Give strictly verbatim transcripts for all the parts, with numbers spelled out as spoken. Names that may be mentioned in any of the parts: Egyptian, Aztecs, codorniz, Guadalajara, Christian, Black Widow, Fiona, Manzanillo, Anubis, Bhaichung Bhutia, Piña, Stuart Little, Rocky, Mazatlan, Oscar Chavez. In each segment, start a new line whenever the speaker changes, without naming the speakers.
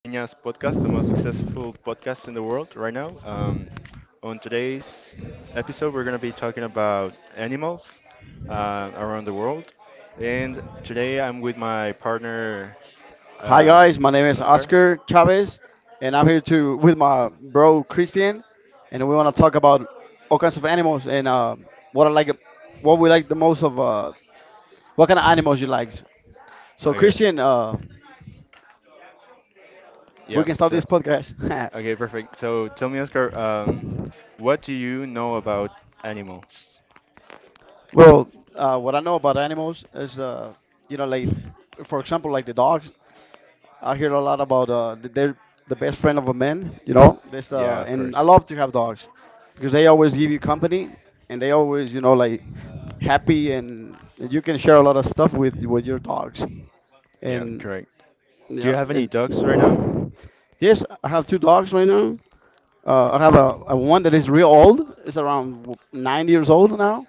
Piña's podcast, the most successful podcast in the world right now. Um, on today's episode, we're going to be talking about animals uh, around the world. And today I'm with my partner,
Hi
um,
guys, my name is
Oscar.
Oscar Chavez, and I'm here to with my bro Christian, and we want to talk about all kinds of animals and, uh, what I like, what we like the most of, uh, what kind of animals you like. So
Okay.
Christian, uh, we
Yeah.
can start
So,
this podcast.
okay, perfect. So tell me, Oscar, um, what do you know about animals?
Well, uh, what I know about animals is, uh, you know, like for example, like the dogs. I hear a lot about uh, th- they're the best friend of a man, you know. This
Yeah,
uh,
of
and
course.
I love to have dogs because they always give you company, and they always, you know, like happy, and and you can share a lot of stuff with with your dogs.
Yeah,
And
correct. Do you
yeah,
have any
and
dogs right now?
yes, I have two dogs right now. Uh, I have a, a one that is real old. It's around w- nine years old now,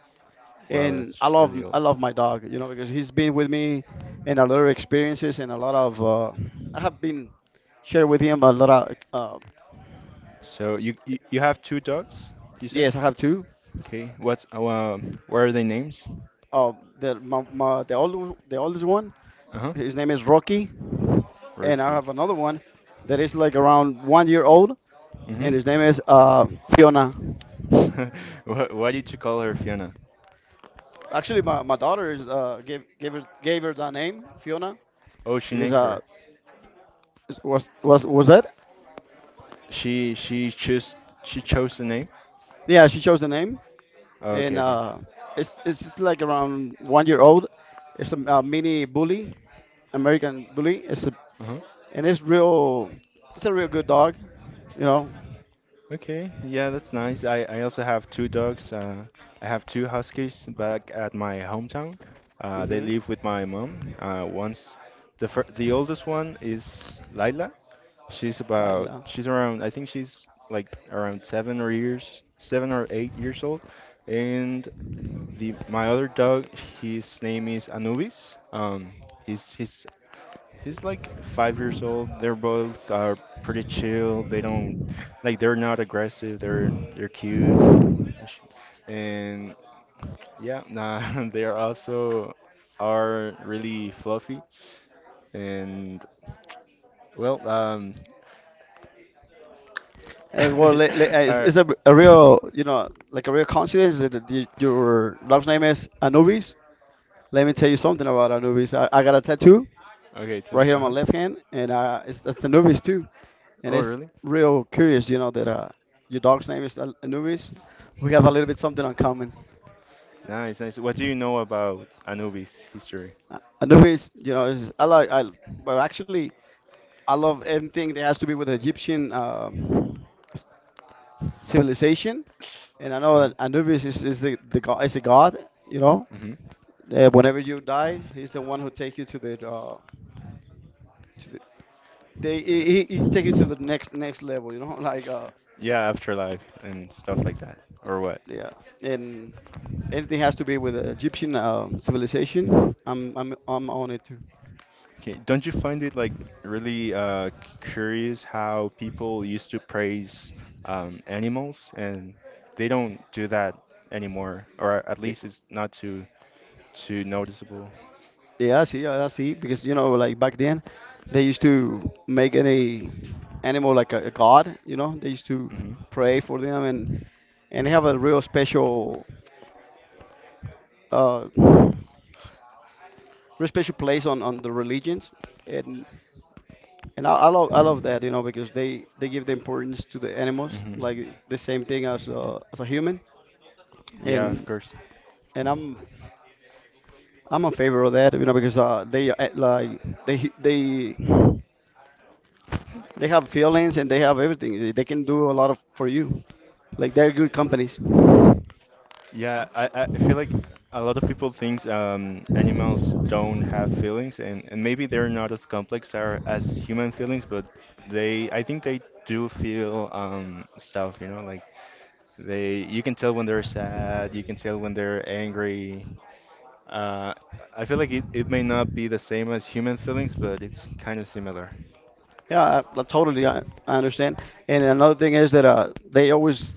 Wow,
and
that's
I love
really
I
old.
love my dog, you know, because he's been with me in a lot of experiences and a lot of, uh, I have been shared with him a lot of, uh,
So you you, you have two dogs, you said?
yes, I have two.
Okay. What's uh, um, what are their names?
Uh, the my, my, the old the oldest one,
Uh-huh.
his name is Rocky, and I
Rocky.
have another one that is like around one year old, and his name
Mm-hmm.
is, uh, Fiona.
What why did you call her Fiona?
Actually, my, my daughter is, uh, gave gave her gave her the name Fiona
Oh, she
because,
named
uh,
her.
was was was that?
She she chose she chose the name.
Yeah, she chose the name,
Oh, okay,
and,
okay.
uh, it's it's just like around one year old. It's a, uh, mini bully, American bully. It's a
Uh huh.
and it's real. It's a real good dog, you know.
Okay, yeah, that's nice. I, I also have two dogs. Uh, I have two huskies back at my hometown. Uh, they
Hmm.
live with my mom. Uh, once the fir the oldest one is Lila. She's about
Laila.
she's around I think she's like around seven or years seven or eight years old. And the my other dog, his name is Anubis. Um, he's he's He's like five years old. They're both uh, pretty chill. They don't like they're not aggressive. They're they're cute, and sh- and yeah, nah, they are also are really fluffy. And well, um,
And well, li- li- uh, it's,
uh,
it's a, a real, you know, like a real coincidence that the, the- your dog's name is Anubis. Let me tell you something about Anubis. I, I got a tattoo
okay, t-
right here on my
uh-huh.
left hand, and, uh, it's that's Anubis too. And
Oh,
it's
really?
real curious, you know, that, uh, your dog's name is Al- Anubis. We have a little bit something in common.
Nice, nice. What do you know about Anubis history?
Uh, Otherwise, you know, is, I like I well actually I love everything that has to be with Egyptian, um, s- civilization, and I know
Uh-huh.
that Anubis is, is the the god is a god. You know,
Hmm.
uh, whenever you die, he's the one who take you to the, uh, to the they he, he he take you
Uh,
to the next next level. You know, like, uh,
yeah, afterlife and stuff like that, or what?
yeah, and anything has to be with Egyptian, uh, civilization. I'm I'm I'm on it too.
Okay, don't you find it like really uh, curious how people used to praise um, animals and they don't do that anymore, or at least it's not too too noticeable.
Yeah, I see, yeah, I see. Because you know, like back then, they used to make any animal like a, a god. You know, they used to
Hmm.
pray for them and and have a real special, uh, real special place on on the religions. And and I, I love I love that. You know, because they they give the importance to the animals,
Hmm.
like the same thing as, uh, as a human.
Yeah, of
And
course.
and I'm I'm in favor of that. You know, because, uh, they uh, like they they They have feelings and they have everything. They they can do a lot of for you. Like they're good companies. Oh
Yeah,
shit.
I, I feel like a lot of people think um, animals don't have feelings, and, and maybe they're not as complex are, as human feelings, but they I think they do feel um, stuff, you know, like they you can tell when they're sad, you can tell when they're angry. Uh, I feel like it, it may not be the same as human feelings, but it's kind of similar.
Yeah, I, I totally I, I understand. And another thing is that, uh, they always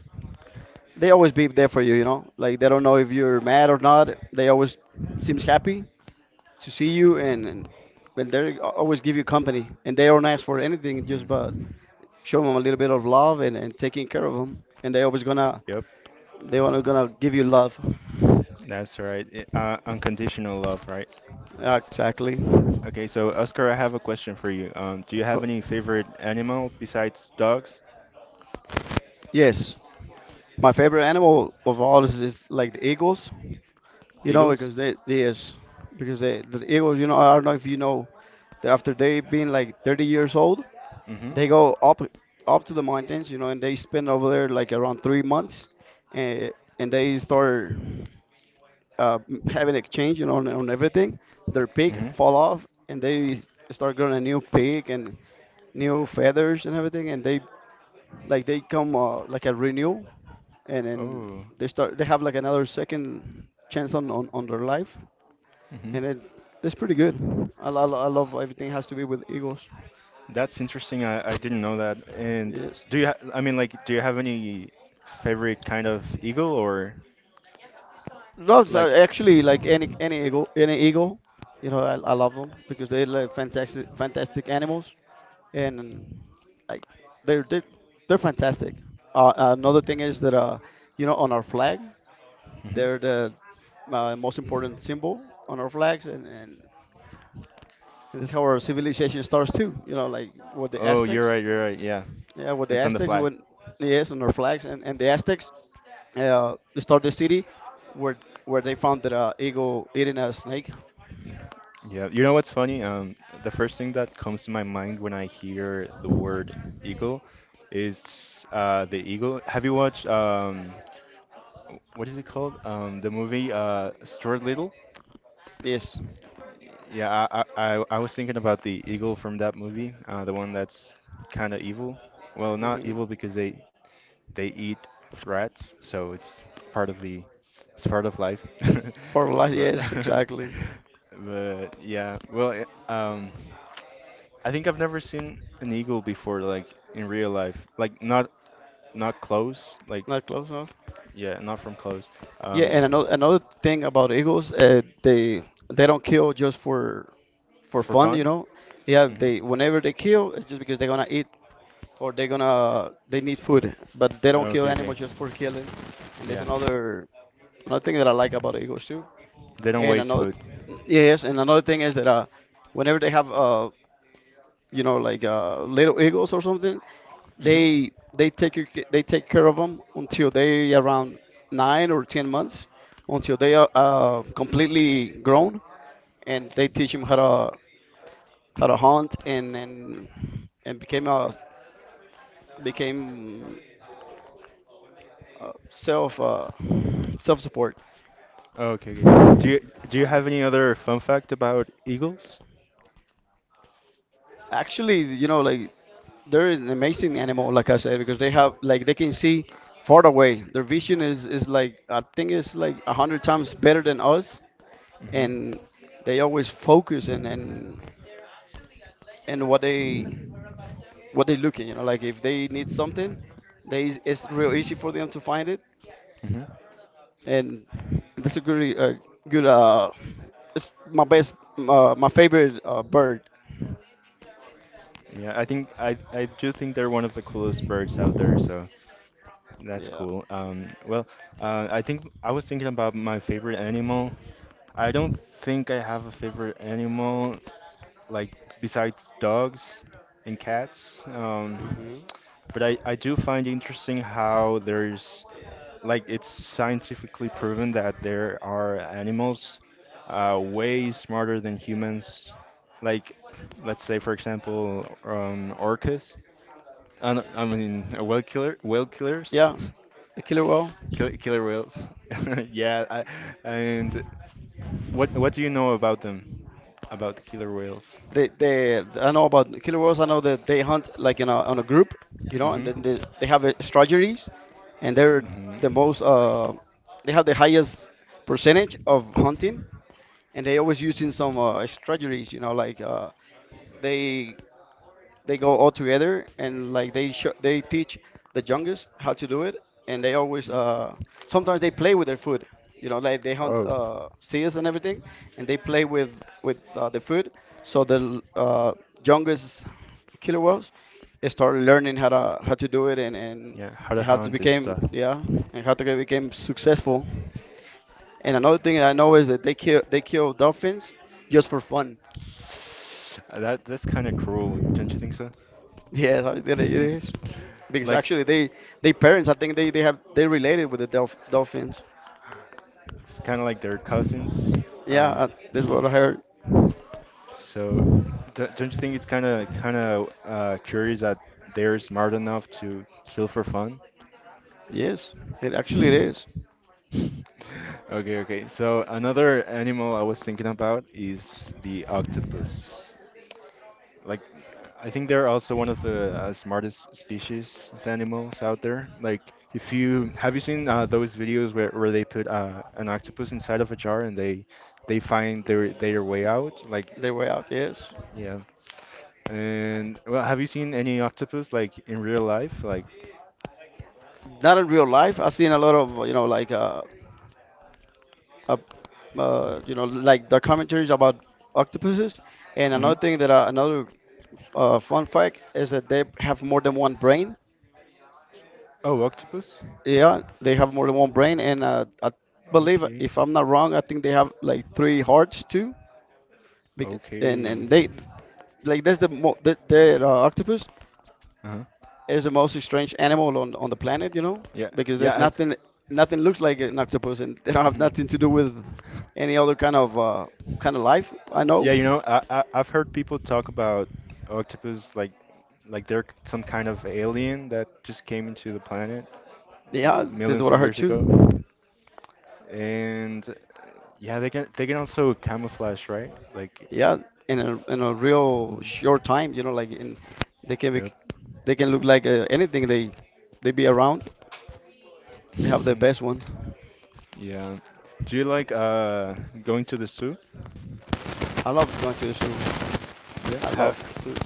they always be there for you. You know, like they don't know if you're mad or not. They always seems happy to see you, and and, and they always give you company. And they don't ask for anything, just but
Hmm.
show them a little bit of love, and, and taking care of them. And they always gonna
Yep,
they wanna gonna give you love.
that's right. I- Uh, unconditional love, right?
Yeah, exactly.
Okay, so Oscar, I have a question for you. Um, do you have any favorite animal besides dogs,
Yes, my favorite animal of all is, is like the eagles. You know,
eagles?
because they yes, because they the eagles. You know, I don't know if you know that after they being like thirty years old,
Mm-hmm.
they go up up to the mountains. You know, and they spend over there like around three months, and and they start, uh, having exchange. You know, on, on everything. Their pig
Mm-hmm.
fall off, and they start growing a new pig and new feathers and everything, and they like they come, uh, like a renew, and then
Oh.
they start they have like another second chance on on, on their life,
Mm-hmm.
and it, it's pretty good. I, lo- I, lo- I love everything has to be with eagles.
That's interesting. I, I didn't know that. And
Yes,
do you ha I mean like do you have any favorite kind of eagle or
loves are
like
actually like any any eagle any eagle. You know, i, I love them because they're like fantastic fantastic animals, and like they're they're, they're fantastic. Uh, another thing is that, uh, you know, on our flag
hmm
they're the, uh, most important symbol on our flags, and, and And this is how our civilization starts too. You know, like with the
oh, you're
Aztecs.
right, you're right. Yeah.
Yeah, with the
It's on the
Aztecs
flag.
when yes, on their flags, and, and the Aztecs, uh, they start the city where where they found that, uh, eagle eating a snake.
Yeah, you know what's funny? Um, the first thing that comes to my mind when I hear the word eagle is uh, the eagle. Have you watched um, what is it called? Um, the movie uh, Stuart Little?
Yes.
Yeah, I, I I I was thinking about the eagle from that movie, uh, the one that's kind of evil. Well, not
Mm-hmm.
evil because they they eat rats, so it's part of the it's part of life.
For life,
But
yes, exactly.
but yeah, well, it- um. I think I've never seen an eagle before, like in real life, like not not close, like
Not close enough.
yeah, not from close.
Yeah,
Um,
and another another thing about eagles, uh, they they don't kill just for for
for
fun, you
fun.
know. Yeah,
Mhm.
they whenever they kill, it's just because they're gonna eat or they're gonna they need food, but they don't kill
Okay, okay.
animals just for killing. And there's
Yeah,
another another thing that I like about eagles too.
they don't
And
waste
another
food.
yes, and another thing is that, uh, whenever they have, uh, you know, like, uh, little eagles or something,
Mhm.
they they take your, ca- they take care of them until they around nine or ten months, until they are, uh, completely grown, and they teach them how to how to hunt, and and and became a became uh, self, uh, self support.
Okay, okay. Do you do you have any other fun fact about eagles?
Actually, you know, like they're an amazing animal, like I said, because they have like they can see far away. Their vision is is like I think it's like a hundred times better than us,
Mhm.
and they always focus, and and and what they what they looking. You know, like if they need something, they it's real easy for them to find it,
Mhm.
and that's a good, uh, good, uh, it's my best, uh, my favorite, uh, bird.
Yeah, I think I I do think they're one of the coolest birds out there, so that's
Yeah.
cool. Um, well, uh, I think I was thinking about my favorite animal, I don't think I have a favorite animal, like besides dogs and cats. Um,
Hmm.
but I, I do find interesting how there's like it's scientifically proven that there are animals uh, way smarter than humans. Like, let's say for example, um, orcas. I, don't- I mean, uh, whale killer, whale killers,
Yeah. The killer whale.
kill, killer whales. Yeah, I, and what What do you know about them? About the killer whales?
They, they, I know about killer whales. I know that they hunt like in a on a group, you know, and
Hmm.
then they, they have, uh, strategies, and they're
Hmm.
the most, uh, they have the highest percentage of hunting, and they always using some, uh, strategies, you know, like, uh, they they go all together, and like they show, they teach the youngest how to do it, and they always,
Mhm.
uh, sometimes they play with their food, you know, like they hunt,
Oh.
uh, seals and everything, and they play with with uh, the food, so the, uh, youngest killer whales they start learning how to how to do it, and and,
Yeah, how to
and how to
hunt and
become
stuff.
yeah and how to get- became successful. And another thing that I know is that they kill they kill dolphins just for fun.
Uh, That that's kind of cruel, don't you think so?
Yes, I- it it is. Because
Like
actually, they they parents, I think they they have they related with the dolph dolphins.
it's kind of like their cousins.
Yeah,
Uh,
uh, that's what I heard.
so d- don't you think it's kind of kind of uh, curious that they're smart enough to kill for fun?
Yes, it actually it is
Okay, okay. So another animal I was thinking about is the octopus. Like, I think they're also one of the uh, smartest species of animals out there. Like, if you have you seen uh, those videos where, where they put uh, an octopus inside of a jar and they they find their their way out? Like,
their way out. Yes,
yeah. And well, have you seen any octopus like in real life? Like,
not in real life. I've seen a lot of, you know, like, uh, uh, uh, you know, like documentaries about octopuses. And
hmm
another thing that, uh, another, uh, fun fact is that they have more than one brain.
oh, octopus.
Yeah, they have more than one brain, and, uh, I believe
Okay.
if I'm not wrong, I think they have like three hearts too. Because, and
Okay.
and they like that's the mo the, the, uh, octopus
Uh-huh.
is the most strange animal on on the planet, you know,
Yeah.
because there's
Yeah.
nothing nothing looks like an octopus, and they don't
I,
have nothing to do
mhm.
with any other kind of, uh, kind of life. I know.
Yeah, you know, I, I I've heard people talk about octopus like like they're some kind of alien that just came into the planet
Yeah, that's
millions
what I
of
heard
years ago,
too.
and yeah, they can they can also camouflage, right? Like,
Yeah, in a in a real
mm,
short time, you know, like in they can be
yep,
they can look like, uh, anything they they be around. They have the best one.
yeah. Do you like uh going to the zoo?
I love going to the zoo.
Yeah.
I love
Have
zoos.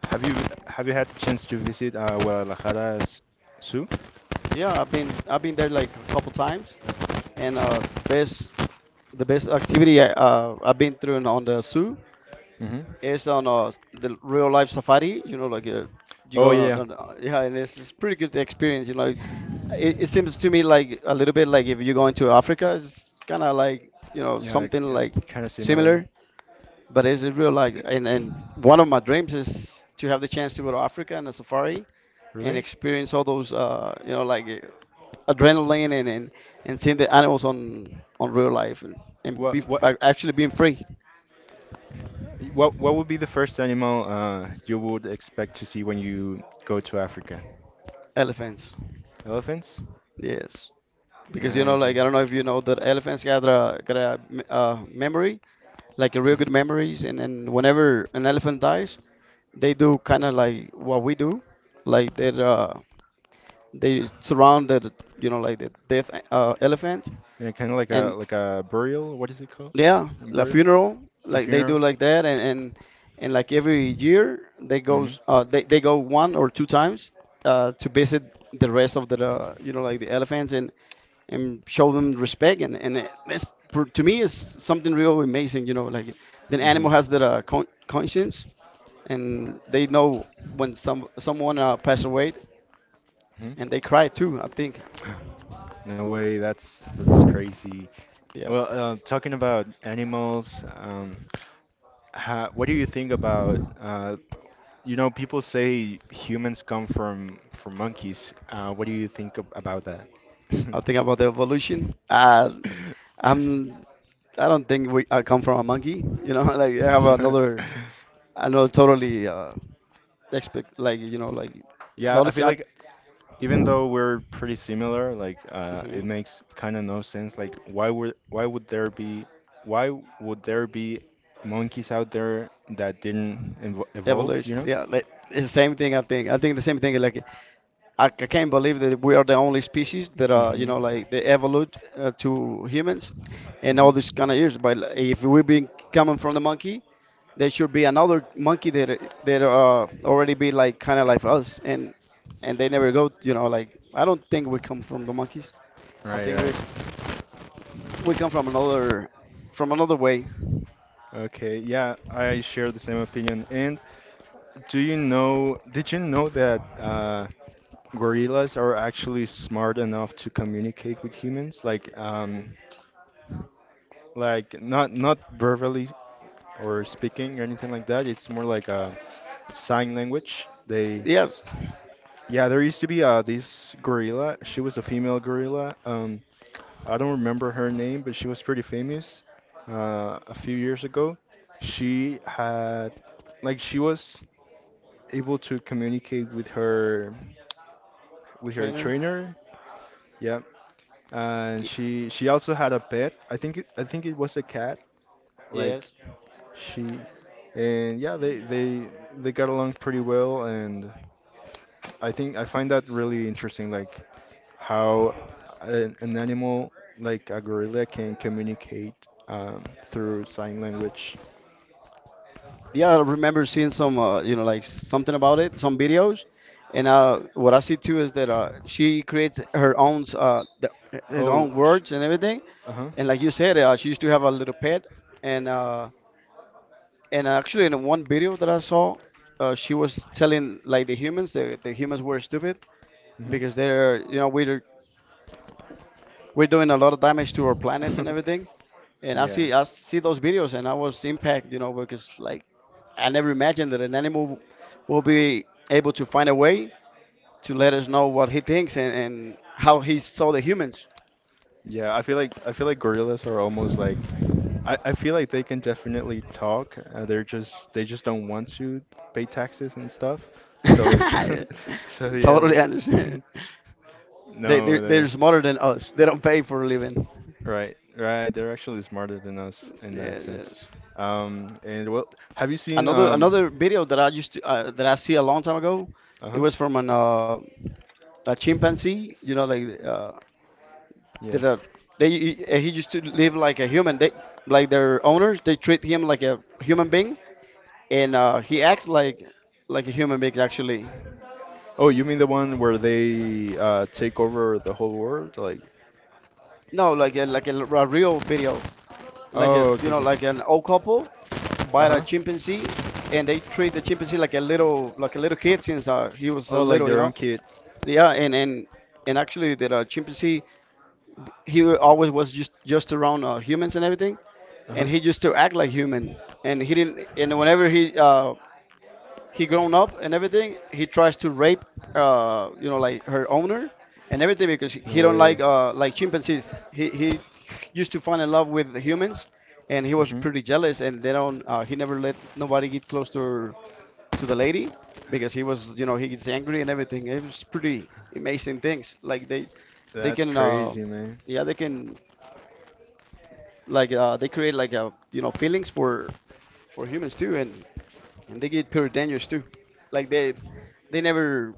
have you have you had the chance to visit uh, Guadalajara's zoo?
Yeah, I've been I've been there like a couple times, and, uh, best the best activity I, uh, I've been through in- on the zoo
Hmm.
is on, uh, the real life safari. You know, like, uh, you
Oh
go on, a-
yeah.
on
Yeah.
a- yeah, and it's, it's pretty good experience. You know, like, it, it seems to me like a little bit like if you go into Africa, it's kind of like you know
Yeah,
something like
kind of similar.
similar but it's in real life. And and one of my dreams is to have the chance to go to Africa and a safari and
Really?
experience all those, uh, you know, like, uh, adrenaline, and, and and seeing the animals on on real life, and, and be
What what
a- actually being free
what what would be the first animal uh, you would expect to see when you go to Africa?
elephants.
Elephants?
Yes. Because you know,
Nice.
like I don't know if you know that elephants got a got a m-
Mm-hmm.
uh, memory, like a real good memories, and and whenever an elephant dies, they do kind of like what we do, like they uh, They surrounded, you know, like the death uh, elephant,
Yeah, kind of like a
and
like a burial. What is it called?
yeah,
A
the
burial?
funeral,
A
like they do
funeral?
like that, and and, and like every year they
Mm-hmm.
goes, uh, they they go one or two times uh, to visit the rest of the, uh, you know, like the elephants and and show them respect and and it- that's for, to me is something real amazing, you know, like the animal has
Mm-hmm.
that uh, con- conscience and they know when some someone uh, passed away,
Hmm.
and they cry too, I think.
No way. That's that's crazy.
Yeah.
Well, uh, talking about animals, um, Ha what do you think about uh, you know people say humans come from from monkeys. Uh, what do you think ab- about that?
I think about the evolution. Uh, I'm. I don't think we. I come from a monkey. You know, like I have another, another totally uh, expect, like, you know, like
Yeah, I
knowledge.
feel
I,
like even though we're pretty similar, like uh,
mhm.
it makes kind of no sense. Like why would why would there be why would there be monkeys out there that didn't evo evolve, you
Evolution.
know?
Yeah, like, it's the same thing, I think. I think the same thing. Like I, I can't believe that we are the only species that are, you
Hmm.
know, like they evolved uh, to humans, and
Hmm.
all these kind of years. But like, if we been coming from the monkey, there should be another monkey that are- that uh already be like kind of like us, and and they never go, you know, like I don't think we come from the monkeys. I
Right,
think we
right.
we come from another, from another way.
Okay, yeah, I share the same opinion. And do you know, did you know that uh, gorillas are actually smart enough to communicate with humans? Like, um, like not not verbally or speaking or anything like that. It's more like a sign language. They,
Yes.
yeah, there used to be uh, this gorilla. She was a female gorilla. Um, I don't remember her name, but she was pretty famous uh, a few years ago. She had, like, she was. Able to communicate with her with her
Trainer.
trainer. Yeah, and
y-
she she also had a pet. I think it, I think it was a cat. Like
yes.
she and yeah, they they they got along pretty well, and I think I find that really interesting. Like how an, an animal like a gorilla can communicate um, through sign language.
Yeah, I remember seeing some uh, you know, like something about it, some videos, and uh what I see too is that uh she creates her own uh the, his
Oh,
own
sh-
words and everything.
uh huh.
And like you said, uh, she used to have a little pet, and uh and actually, in one video that I saw, uh, she was telling like the humans, the, the humans were stupid
Hmm.
because they're, you know, we're we're doing a lot of damage to our planet and everything. And I
yeah.
see I see those videos and I was impacted, you know, because like I never imagined that an animal will be able to find a way to let us know what he thinks, and, and how he saw the humans.
Yeah, I feel like I feel like gorillas are almost like I, I feel like they can definitely talk. Uh, they're just they just don't want to pay taxes and stuff. So so yeah,
Totally understand.
they,
They
no,
they're, they're
they're
smarter than us. They don't pay for a living.
right, right. They're actually smarter than us in that
Yeah,
sense.
yes.
Um, and well, have you seen
Another another
um,
video that I used to, uh, that I see a long time ago. It
uh-huh,
was from an uh, a chimpanzee. You know, like uh,
yeah.
that. Uh, they uh, He used to live like a human. They like their owners, they treat him like a human being, and uh, he acts like like a human being actually.
Oh, you mean the one where they uh, take over the whole world? Like,
No, like a, like a, a real video, like
oh,
a, you
okay,
know,
okay.
like an old couple
Uh
buy a
huh.
chimpanzee, and they treat the chimpanzee like a little, like a little kid since uh, he was a
Oh, like
little, you
their own
know.
kid.
Yeah, and and and actually the uh, chimpanzee he wa- always was just just around uh, humans and everything,
Uh
and
huh.
he used to act like human. And he didn't. And whenever he uh, he grown up and everything, he tries to rape, uh, you know, like her owner and everything because he
No
he don't
way.
like uh, like chimpanzees. He he used to fall in love with humans, and he was
Mm-hmm.
pretty jealous. And they don't. Uh, he never let nobody get close to her, to the lady because he was, you know, he gets angry and everything. It was pretty amazing things. Like they they
That's
can. Uh,
crazy, man.
yeah, they can, like, uh, they create like a, you know, feelings for for humans too, and and they get pretty dangerous too. Like they they never,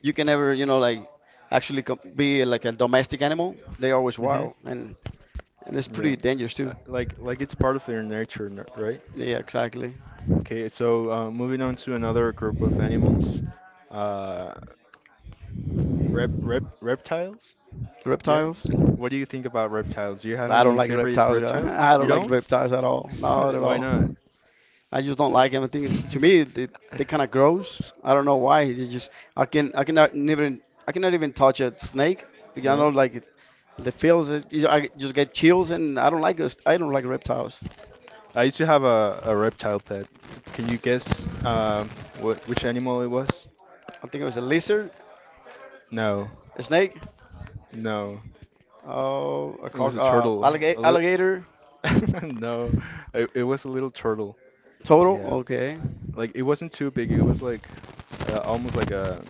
you can never, you know, like actually com- be like a domestic animal. They always
Hmm.
wild, and and it's
Yeah.
pretty dangerous
Uh,
too.
Like like it's part of their nature, n- right?
Yeah, exactly.
Okay, so uh, moving on to another group of animals, uh, rep, rep, reptiles. Yeah.
Reptiles.
What do you think about reptiles? Do you have
I don't
any
like
favorite
reptiles, guy.
reptiles?
I
You
don't like
don't?
reptiles at all. Not at
Why
all.
not?
I just don't like them. I think it- to me they, they kind of gross. I don't know why. They just I can I cannot never, I cannot even touch a snake. I know,
No.
like, the feels is- you- I just get chills, and I don't like this. I don't like reptiles.
I used to have a, a reptile pet. Can you guess um, what which animal it was?
I think it was a lizard,
No,
a snake,
no.
oh, a
It was
cock,
a
uh,
turtle. A
alligator,
little.
alligator,
No, it, it was a little turtle.
turtle.
Yeah,
Okay.
like it wasn't too big. It was like uh, almost like a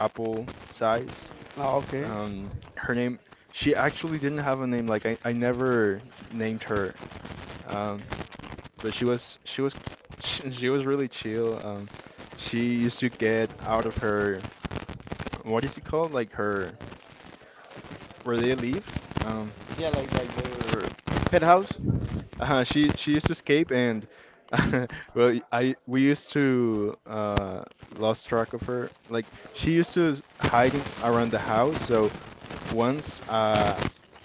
apple size.
Oh, okay.
Um, her name. She actually didn't have a name. Like I, I never named her. Um, but she was she was she was really chill. Um, she used to get out of her what is it called? Like her where they leave. Um,
Yeah, like like their pet house.
uh, she she used to escape and well I we used to uh lost track of her. Like she used to s- hide in, around the house. So once uh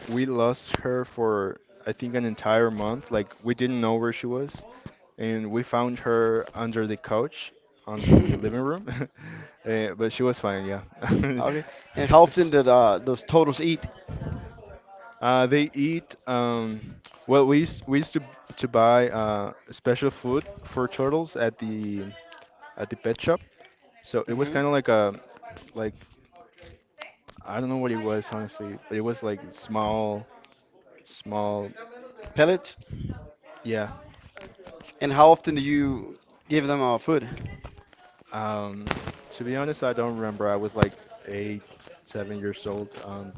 we lost her for I think an entire month. Like we didn't know where she was. And we found her under the couch on the living room. Uh, but she was fine, yeah.
Okay. And how often did uh, those turtles eat?
Uh, they eat. Um, well, we used, we used to to buy uh, special food for turtles at the at the pet shop. So it was
Hmm.
kind of like a like I don't know what it was honestly, but it was like small small
Pellets.
yeah.
And how often do you give them uh, food?
Um, to be honest, I don't remember. I was like eight, seven years old. Um,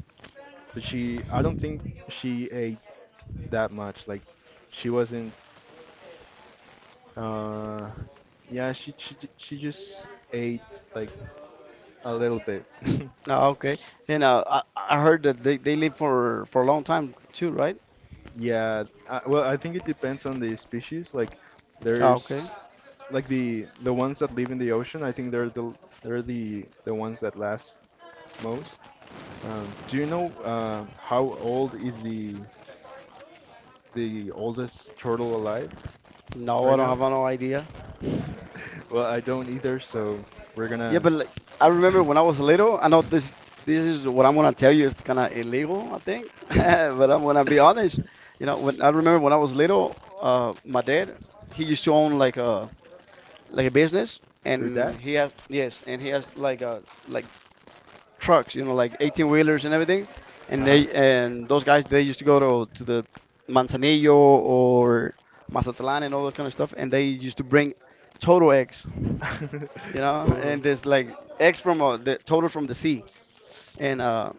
But she, I don't think she ate that much. Like, she wasn't. Uh, yeah, she she j- she just ate like a little bit.
Ah, okay. And uh, I, I heard that they, they live for for a long time too, right?
Yeah. I, well, I think it depends on the species. Like,
Ah, okay.
there's like the the ones that live in the ocean. I think they're the they're the the ones that last most. Um, do you know uh, how old is the the oldest turtle alive
No, I
right
don't
now?
have no idea.
Well, I don't either, so we're
Yeah,
gonna.
but like, I remember when I was little. I know this this is what I'm gonna tell you is kind of illegal, I think. But I'm gonna be honest. You know, when I remember when I was little, uh, my dad he used to own like a, like a business,
Your
and
dad?
he has yes, and he has like a like trucks, you know, like eighteen wheelers and everything. And
Uh
they and those guys they used to go to to the Manzanillo or Mazatlan and all that kind of stuff, and they used to bring total eggs,
huh.
you know,
Oh,
and there's like eggs from uh, the total from the sea, and uh,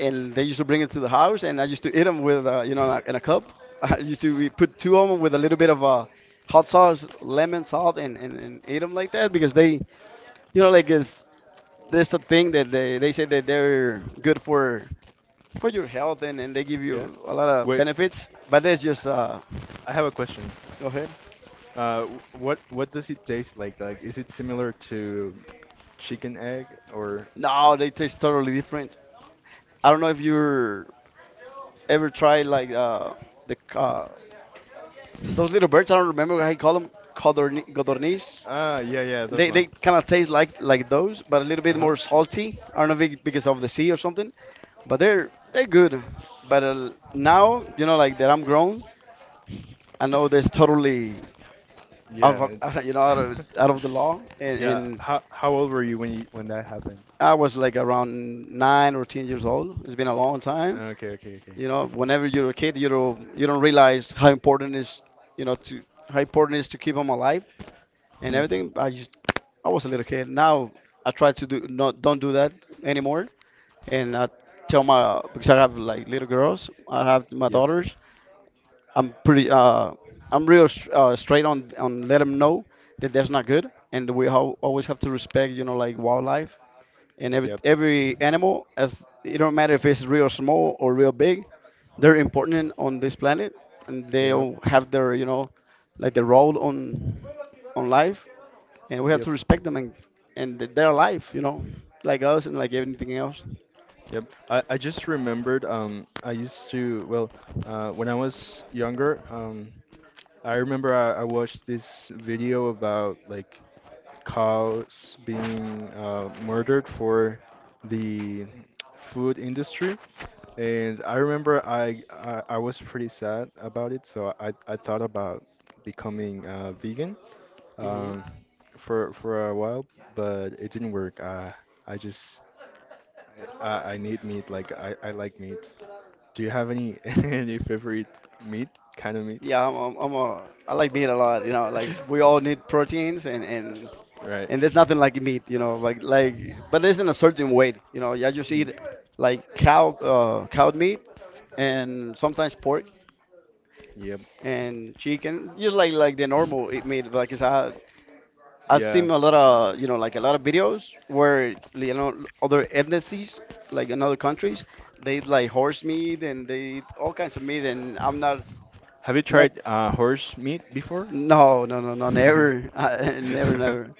and they used to bring it to the house, and I used to eat them with uh, you know, like, in a cup. I used to we put two of them with a little bit of uh, hot sauce, lemon salt, and, and and eat them like that because they you know like it's there's a thing that they they say that they're good for for your health, and, and they give
yeah.
you a lot of
Wait,
benefits, but that's just uh.
I have a question.
Go ahead.
Uh, w- what what does it taste like? Like, is it similar to chicken egg or?
No, they taste totally different. I don't know if you're ever tried like uh the uh, those little birds, I don't remember how you call them. codorni- Codorniz.
Ah, yeah, yeah, those
They, they
ones.
kind of taste like like those but a little
Uh
bit
huh.
more salty, I don't know if it, because of the sea or something, but they're they're good, but uh, now you know, like, that I'm grown, I know that's totally
Yeah,
out of, you
it's.
know, out of, out of the law, and,
Yeah.
and
How how old were you when you when that happened?
I was like around nine or ten years old. It's been a long time.
Okay, okay, okay.
You know, whenever you're a kid, you don't you don't realize how important is, you know, to how important it is to keep them alive and
Hmm.
everything. I just I was a little kid. Now I try to do not don't do that anymore. And I tell my, because I have like little girls. I have my
Yep. Yep.
daughters. I'm pretty uh I'm real s- uh, straight on on let them know that that's not good, and we ho- always have to respect, you know, like wildlife and every,
Yep.
every animal as it, don't matter if it's real small or real big, they're important on this planet, and they'll have their, you know, like their role on on life, and we have
Yep.
to respect them, and and th- their life, you know, like us and like anything else.
Yep. I, I just remembered um I used to, well, uh when I was younger, um I remember I, I watched this video about like cows being uh, murdered for the food industry. And I remember I, I I was pretty sad about it, so I I thought about becoming uh, vegan,
Hmm.
um, for for a while, but it didn't work. Uh, I just I, I need meat. Like I, I like meat. Do you have any any favorite meat kind of meat?
Yeah, I'm, I'm, I'm a, I like meat a lot, you know, like we all need proteins and and
Right.
and there's nothing like meat, you know, like like but it's in a certain way, you know, yeah, just
Mm.
eat like cow, uh, cow meat, and sometimes pork
Yep.
and chicken, just like like the normal it made. Because I I've
Yeah.
seen a lot of, you know, like a lot of videos where you know other ethnicities like in other countries they eat like horse meat and they eat all kinds of meat, and I'm not
Have you
not
tried uh, horse meat before?
no no no no never I, never never.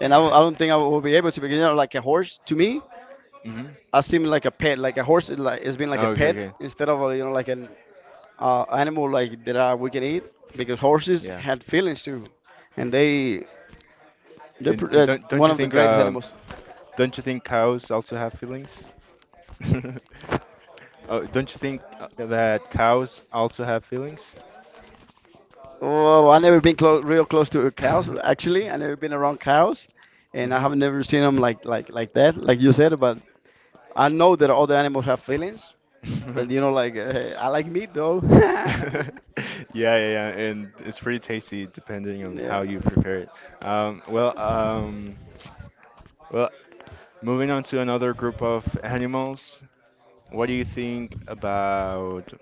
And I, w- I don't think I will be able to because you know like a horse to me,
Hmm.
I seem like a pet, like a horse is like it's been like a
Okay,
pet
okay.
instead of, uh, you know, like an uh, animal like that uh, we can eat, because horses
Yeah.
had feelings too, and they they're
And,
pr-
and
uh,
don't don't
one
you
of the
think
greatest
um
animals.
don't you think cows also have feelings? Oh, don't you think uh, that cows also have feelings?
Oh, I never been close, real close to cows actually. I never been around cows, and I
Hmm.
have never seen them like like like that, like you said. But I know that all the animals have feelings. But you know, like, uh, I like meat though.
Yeah, yeah, yeah, and it's pretty tasty depending on
Yeah.
how you prepare it. Um, well, um, well, moving on to another group of animals. What do you think about?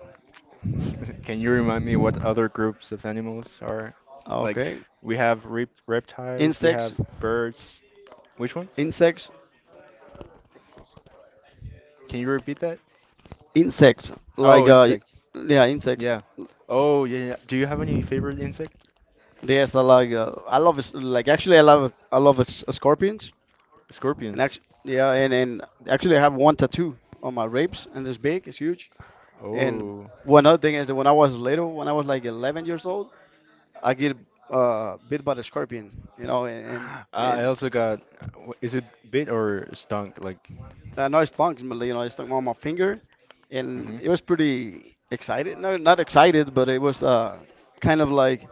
Can you remind me what other groups of animals are? Like,
Okay.
we have rep reptiles, we
Insects.
have birds. Which one?
Insects.
Can you repeat that?
Insects. Like
Oh,
uh,
insects.
yeah, insects.
Yeah. Oh, yeah, yeah. Do you have any favorite insect?
Yes, I like uh, I love s- like, actually I love, I love s- scorpions, and
Scorpions.
actually yeah, and and actually I have one tattoo on my ribs, and it's big, it's huge. And
Oh.
one other thing is that when I was little, when I was like eleven years old, I get uh, bit by the scorpion, you know, and and,
I I
and
also got, wh- is it bit or stung? Like,
I know it's funky, but you know, it's on my finger, and
hmm.
it was pretty excited. No, not excited, but it was uh, kind of like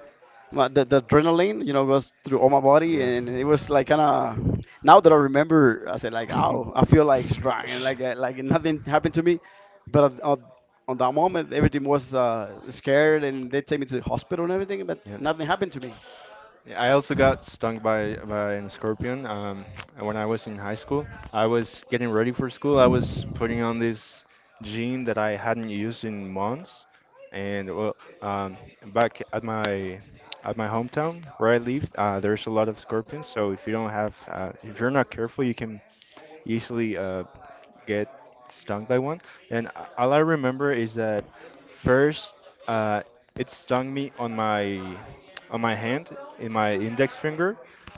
my, the, the adrenaline, you know, goes through all my body,
Yeah.
and it was like kind of, now that I remember, I said like, oh, I feel like strong and like uh, like nothing happened to me, but on, on on that moment, everything was uh, scared, and they take me to the hospital and everything, but
Yeah.
nothing happened to me.
Yeah, I also got stung by by a scorpion. Um, and when I was in high school, I was getting ready for school. I was putting on this jean that I hadn't used in months, and, well, um, back at my at my hometown where I live, uh, there's a lot of scorpions. So if you don't have, uh, if you're not careful, you can easily uh, get stung by one. And a- all I remember is that first, uh, it stung me on my on my hand in my index finger.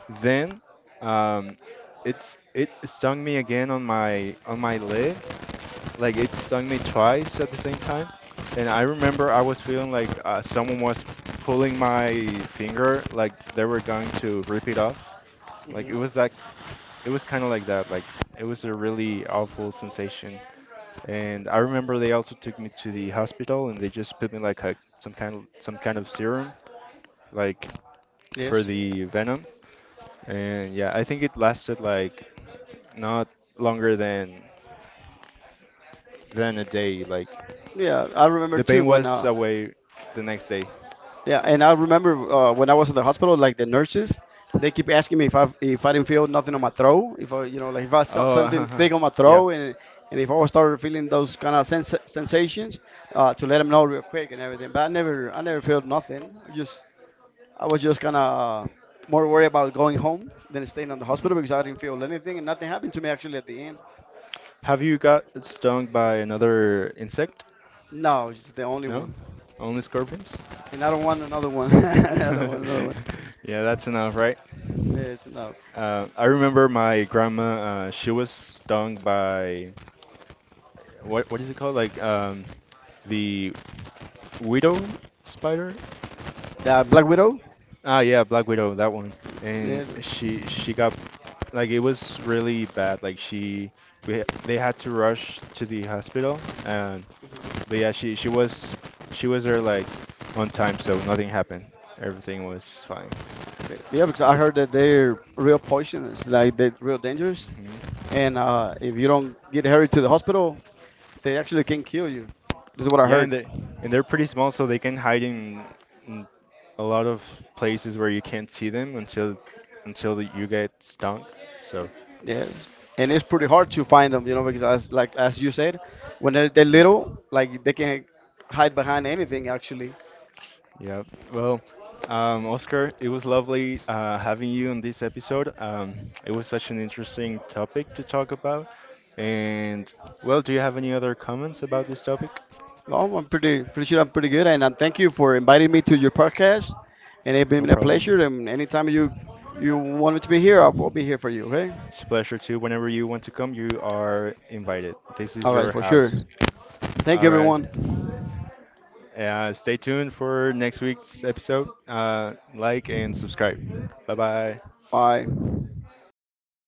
Then, um, it's it stung me again on my on my leg. Like it stung me twice at the same time. And I remember I was feeling like uh, someone was pulling my finger, like they were going to rip it off. Like it
Hmm.
was that, it was kind of like that. Like it was a really awful sensation. And I remember they also took me to the hospital and they just put me like a, some kind of some kind of serum, like, for
Yes.
the venom. And yeah, I think it lasted like not longer than than a day. Like
Yeah, I remember
the
too
pain
when
was
uh,
away the next day.
yeah, and I remember uh, when I was in the hospital, like the nurses, they keep asking me if I if I didn't feel nothing on my throat, if I you know like if I felt something
Oh,
thick on my
yeah.
throat, and and if I was started feeling those kind of sens sensations, uh, to let them know real quick and everything. But I never I never felt nothing. I just I was just kind of more worried about going home than staying on the
Mhm.
hospital because I didn't feel anything, and nothing happened to me actually at the end.
Have you got stung by another insect?
No, it's the only
No?
one,
Only scorpions?
and I don't want another one. I don't want another one.
Yeah, that's enough, right?
Yes, no.
Uh, I remember my grandma, uh, she was stung by what what is it called? Like, um, the widow spider?
The Black Widow.
Ah, yeah, black widow, that one.
Yeah.
And she she got, like, it was really bad. Like she we they had to rush to the hospital. And but yeah, she she was she was there like on time, so nothing happened. Everything was fine.
Yeah, because I heard that they're real poisonous, like they're real dangerous,
Hmm.
and uh, if you don't get hurried to the hospital, they actually can kill you. This is what I
Yeah, and
heard.
they and they're pretty small, so they can hide in, in a lot of places where you can't see them until until you get stung. So
Yes, and it's pretty hard to find them, you know, because as like as you said, when they're, they're little, like they can hide behind anything actually.
yeah, well, um, Oscar, it was lovely uh, having you on this episode. Um, it was such an interesting topic to talk about. And, well, do you have any other comments about this topic?
Well, I'm pretty pretty sure I'm pretty good, and um, thank you for inviting me to your podcast, and it's
No
been a
problem.
pleasure. And anytime you you want me to be here, I'll, I'll be here for you. Okay?
It's a pleasure too. Whenever you want to come, you are invited. This is
All right,
your
for sure.
house.
Thank you,
All right.
everyone.
Uh, stay tuned for next week's episode. Uh, like and subscribe. Bye
Bye.
bye.